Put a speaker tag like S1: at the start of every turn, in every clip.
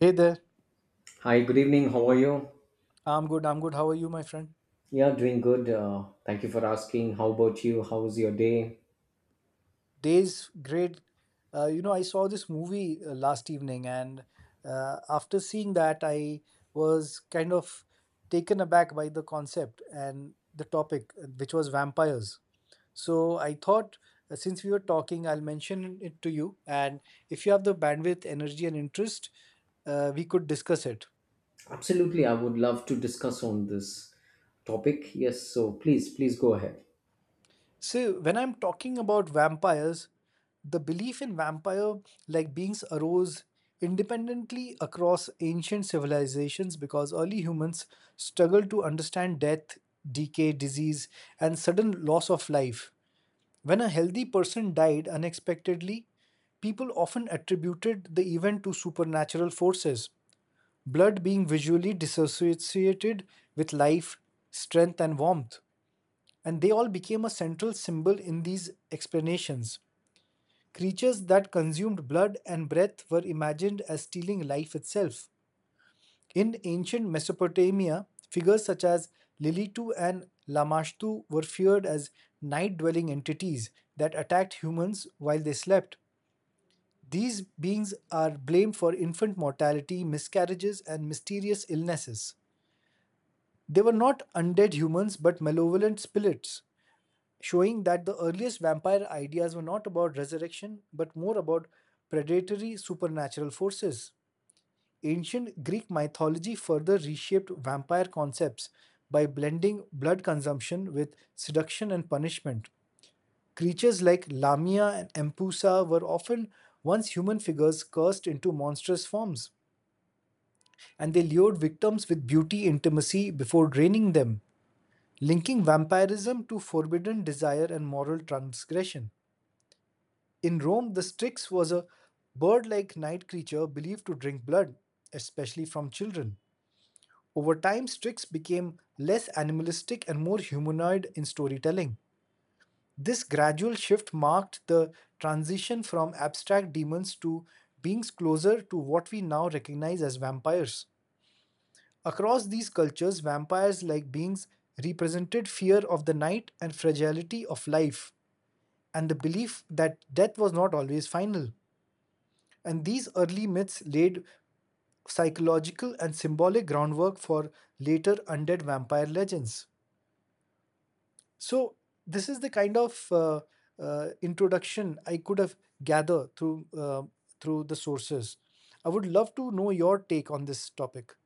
S1: Hey there.
S2: Hi, good evening. How are you?
S1: I'm good. I'm good. How are you, my friend?
S2: Yeah, doing good. Thank you for asking. How about you? How's your day?
S1: Days great. I saw this movie last evening, and after seeing that, I was kind of taken aback by the concept and the topic, which was vampires. So I thought, since we were talking, I'll mention it to you. And if you have the bandwidth, energy, and interest, we could discuss it.
S2: Absolutely, I would love to discuss on this topic. Yes, so please go ahead.
S1: So when I'm talking about vampires, the belief in vampire like beings arose independently across ancient civilizations because early humans struggled to understand death, decay, disease, and sudden loss of life. When a healthy person died unexpectedly, people often attributed the event to supernatural forces, blood being visually dissociated with life, strength, and warmth and they all became a central symbol in these explanations. Creatures that consumed blood and breath were imagined as stealing life itself. In ancient Mesopotamia, figures such as Lilitu and Lamashtu were feared as night dwelling entities that attacked humans while they slept. These beings are blamed for infant mortality, miscarriages, and mysterious illnesses. They were not undead humans but malevolent spirits showing that the earliest vampire ideas were not about resurrection but more about predatory supernatural forces. Ancient Greek mythology further reshaped vampire concepts by blending blood consumption with seduction and punishment. Creatures like Lamia and Empusa were often once human figures cursed into monstrous forms, and they lured victims with beauty intimacy before draining them, linking vampirism to forbidden desire and moral transgression. In Rome, the Strix was a bird like night creature believed to drink blood, especially from children. Over time, Strix became less animalistic and more humanoid in storytelling. This gradual shift marked the transition from abstract demons to beings closer to what we now recognize as vampires. Across these cultures, vampires like beings represented fear of the night and fragility of life, and the belief that death was not always final. And these early myths laid psychological and symbolic groundwork for later undead vampire legends. So, this is the kind of introduction I could have gathered through the sources. I would love to know your take on this topic.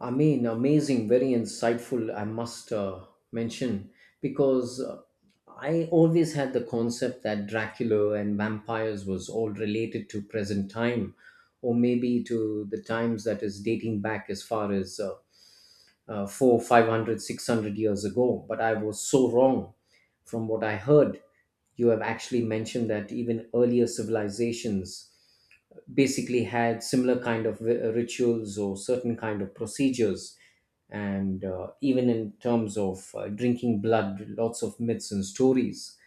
S2: I mean, amazing, very insightful, I must mention, because I always had the concept that Dracula and vampires was all related to present time, or maybe to the times that is dating back as far as. Four, 500, 600 years ago. But I was so wrong from what I heard. You have actually mentioned that even earlier civilizations basically had similar kind of rituals or certain kind of procedures and even in terms of drinking blood, lots of myths and stories,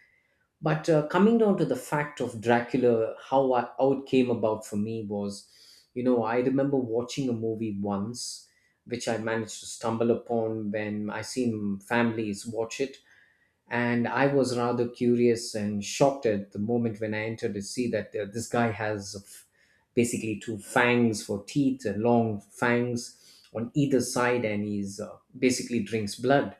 S2: but coming down to the fact of Dracula, how it came about for me was, you know, I remember watching a movie once, which I managed to stumble upon when I seen families watch it, and I was rather curious and shocked at the moment when I entered to see that this guy has basically two fangs for teeth, long fangs on either side, and he's basically drinks blood.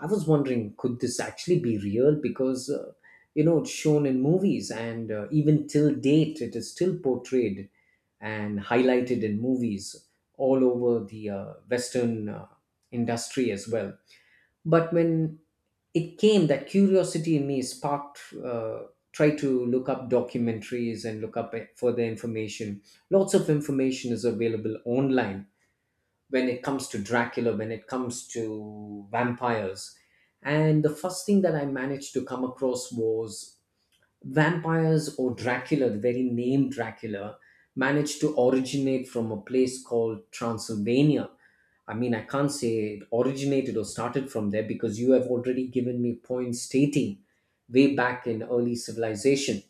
S2: I was wondering, could this actually be real? Because you know, it's shown in movies, and even till date, it is still portrayed and highlighted in movies all over the Western industry as well. But when it came, that curiosity in me sparked, try to look up documentaries and look up further information. Lots of information is available online when it comes to Dracula, when it comes to vampires. And the first thing that I managed to come across was, Vampires or Dracula, the very name Dracula, managed to originate from a place called Transylvania. I mean, I can't say it originated or started from there because you have already given me points stating way back in early civilization.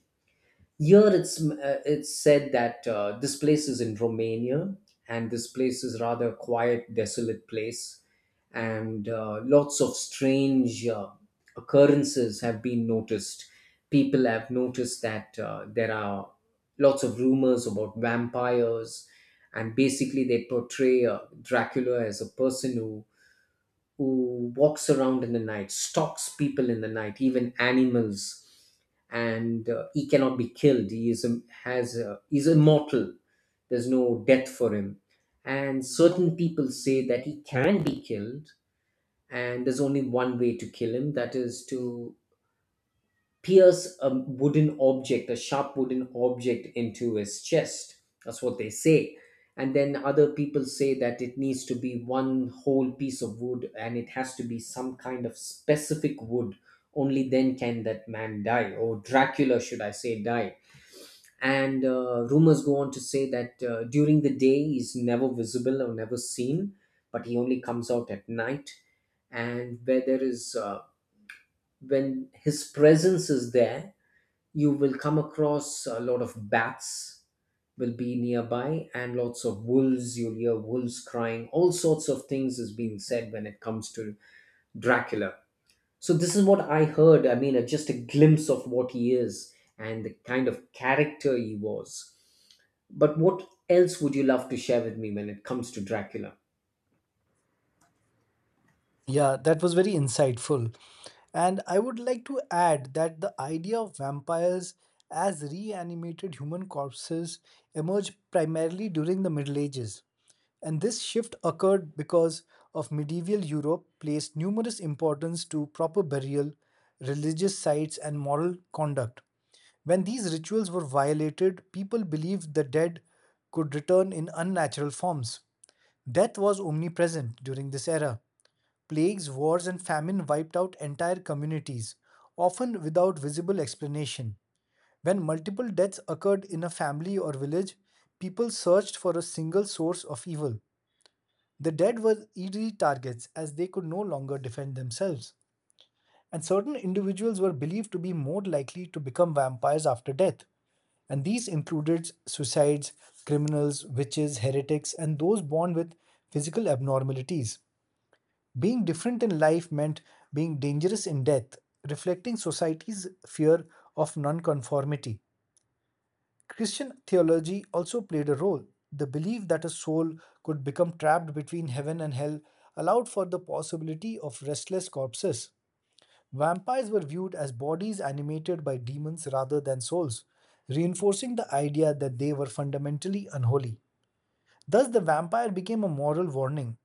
S2: Here it's said that this place is in Romania, and this place is rather a quiet, desolate place, and lots of strange occurrences have been noticed. People have noticed that there are lots of rumors about vampires, and basically they portray Dracula as a person who walks around in the night, stalks people in the night, even animals, and he cannot be killed. He is a, has a, He's immortal. There's no death for him. And certain people say that he can be killed, and there's only one way to kill him, that is to pierce a wooden object, a sharp wooden object, into his chest. That's what they say. And then other people say that it needs to be one whole piece of wood and it has to be some kind of specific wood. Only then can that man die, or Dracula, should I say, die. And rumors go on to say that during the day he's never visible or never seen, but he only comes out at night. And when his presence is there, you will come across a lot of bats will be nearby, and lots of wolves, you'll hear wolves crying. All sorts of things is being said when it comes to Dracula. So this is what I heard, I mean, just a glimpse of what he is and the kind of character he was. But what else would you love to share with me when it comes to Dracula?
S1: Yeah, that was very insightful. And I would like to add that the idea of vampires as reanimated human corpses emerged primarily during the Middle Ages. And this shift occurred because of medieval Europe placed numerous importance to proper burial, religious sites, and moral conduct. When these rituals were violated, people believed the dead could return in unnatural forms. Death was omnipresent during this era. Plagues, wars, and famine wiped out entire communities, often without visible explanation. When multiple deaths occurred in a family or village, people searched for a single source of evil. The dead were easy targets as they could no longer defend themselves. And certain individuals were believed to be more likely to become vampires after death. And these included suicides, criminals, witches, heretics, and those born with physical abnormalities. Being different in life meant being dangerous in death, reflecting society's fear of nonconformity. Christian theology also played a role. The belief that a soul could become trapped between heaven and hell allowed for the possibility of restless corpses. Vampires were viewed as bodies animated by demons rather than souls, reinforcing the idea that they were fundamentally unholy. Thus, the vampire became a moral warning,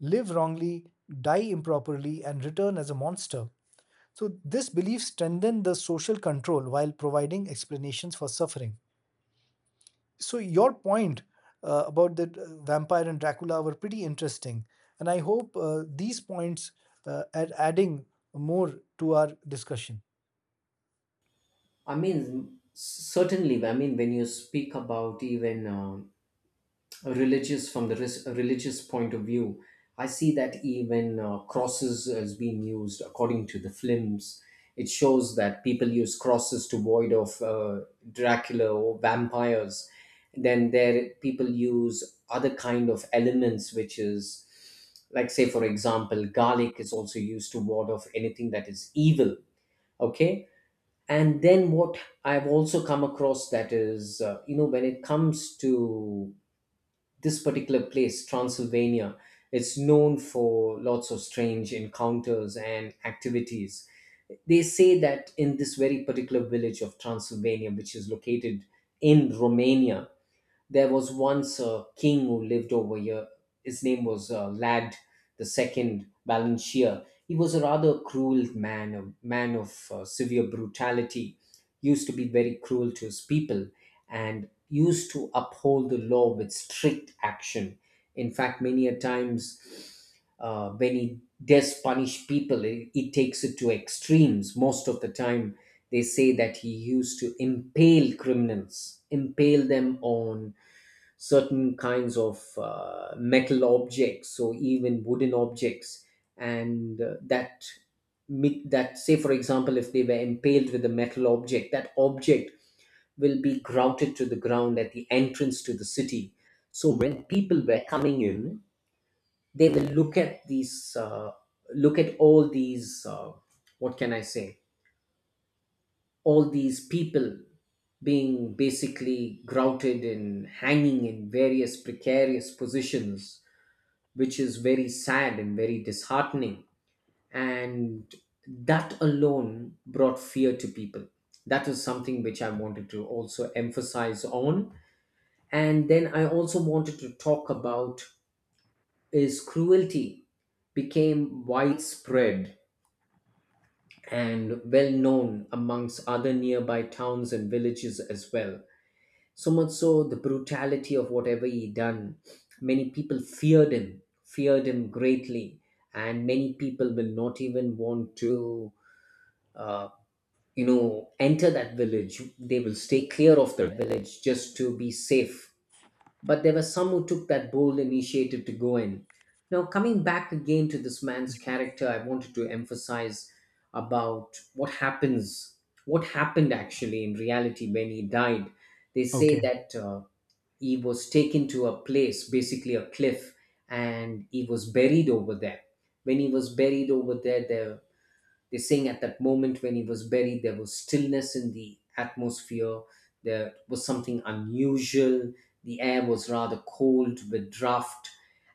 S1: live wrongly, die improperly, and return as a monster. So, this belief strengthened the social control while providing explanations for suffering. So, your point about the vampire and Dracula were pretty interesting, and I hope these points are adding more to our discussion.
S2: I mean, certainly, I mean, when you speak about even religious, from the religious point of view, I see that even crosses is being used. According to the films, it shows that people use crosses to void of Dracula or vampires. Then there, people use other kind of elements, which is, like say for example, garlic is also used to ward off anything that is evil. Okay. And then what I've also come across, that is, you know, when it comes to this particular place, Transylvania, it's known for lots of strange encounters and activities. They say that in this very particular village of Transylvania, which is located in Romania, there was once a king who lived over here. His name was Lad the Second Balanchier. He was a rather cruel man, a man of severe brutality. Used to be very cruel to his people, and used to uphold the law with strict action. In fact, many a times when he does punish people, he takes it to extremes. Most of the time, they say that he used to impale criminals, impale them on certain kinds of metal objects, so even wooden objects, and that say for example, if they were impaled with a metal object, that object will be grouted to the ground at the entrance to the city. So when people were coming in, they will look at these look at all these what can I say, all these people being basically grouted and hanging in various precarious positions, which is very sad and very disheartening. And that alone brought fear to people. That was something which I wanted to also emphasize on. And then I also wanted to talk about is, cruelty became widespread and well known amongst other nearby towns and villages as well. So much so, the brutality of whatever he done, many people feared him greatly, and many people will not even want to, uh, you know, enter that village. They will stay clear of the village just to be safe. But there were some who took that bold initiative to go in. Now, coming back again to this man's character, I wanted to emphasize about what happened actually in reality when he died. They say
S1: Okay.
S2: that. He was taken to a place, basically a cliff, and he was buried over there. When he was buried over there, they're saying, at that moment when he was buried, there was stillness in the atmosphere. There was something unusual. The air was rather cold with draft.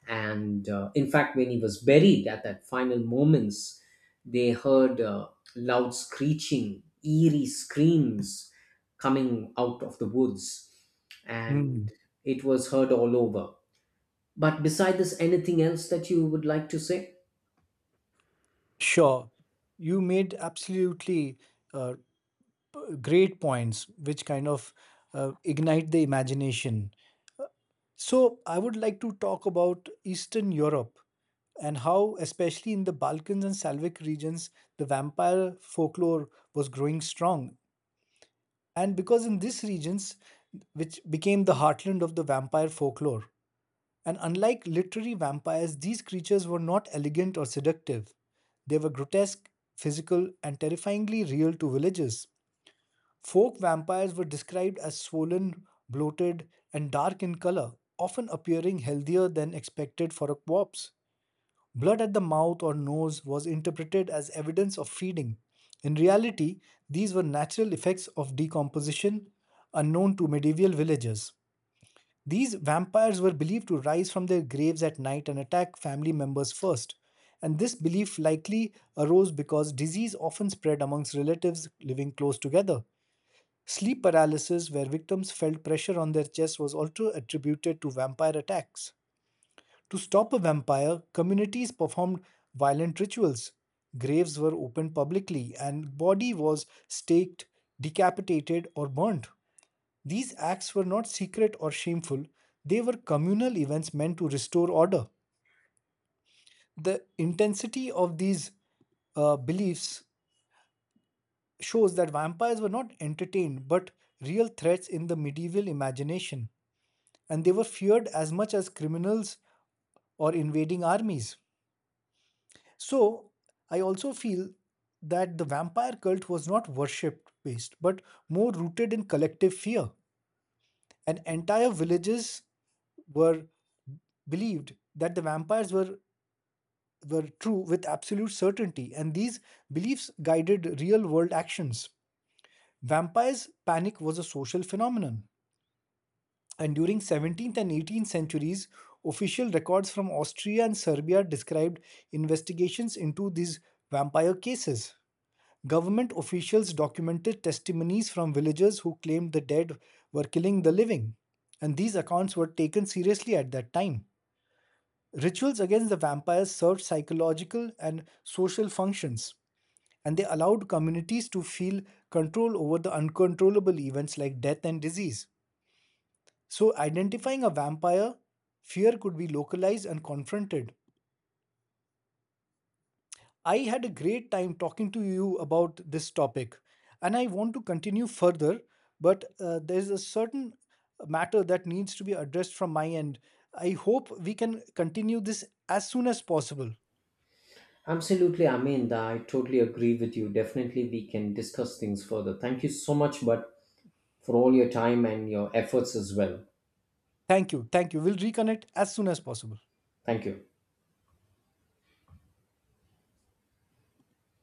S2: And in fact, when he was buried at that final moments, they heard loud screeching, eerie screams coming out of the woods.
S1: Hmm.
S2: And it was heard all over. But beside this, anything else that you would like to say?
S1: Sure, you made absolutely uh, great points, which kind of ignite the imagination. So, I would like to talk about Eastern Europe and how, especially in the Balkans and Slavic regions, the vampire folklore was growing strong. And because in these regions, which became the heartland of the vampire folklore, and unlike literary vampires, these creatures were not elegant or seductive. They were grotesque, physical, and terrifyingly real to villagers. Folk vampires were described as swollen, bloated, and dark in color, often appearing healthier than expected for a corpse. Blood at the mouth or nose was interpreted as evidence of feeding. In reality, these were natural effects of decomposition unknown to medieval villagers. These vampires were believed to rise from their graves at night and attack family members first, and this belief likely arose because disease often spread amongst relatives living close together. Sleep paralysis, where victims felt pressure on their chests, was also attributed to vampire attacks. To stop a vampire, communities performed violent rituals. Graves were opened publicly, and body was staked, decapitated, or burned. These acts were not secret or shameful; they were communal events meant to restore order. The intensity of these beliefs shows that vampires were not entertained but real threats in the medieval imagination, and they were feared as much as criminals or invading armies. So, I also feel that the vampire cult was not worship based, but more rooted in collective fear. And entire villages were believed that the vampires were true with absolute certainty, and these beliefs guided real world actions. Vampires' panic was a social phenomenon. And during 17th and 18th centuries, official records from Austria and Serbia described investigations into these vampire cases. Government officials documented testimonies from villagers who claimed the dead were killing the living, and these accounts were taken seriously at that time. Rituals against the vampires served psychological and social functions, and they allowed communities to feel control over the uncontrollable events like death and disease. So, identifying a vampire, fear could be localized and confronted. I had a great time talking to you about this topic, and I want to continue further, but there's a certain matter that needs to be addressed from my end. I hope we can continue this as soon as possible.
S2: Absolutely, I mean, I totally agree with you. Definitely, we can discuss things further. Thank you so much, but for all your time and your efforts as well.
S1: Thank you. Thank you. We'll reconnect as soon as possible.
S2: Thank you.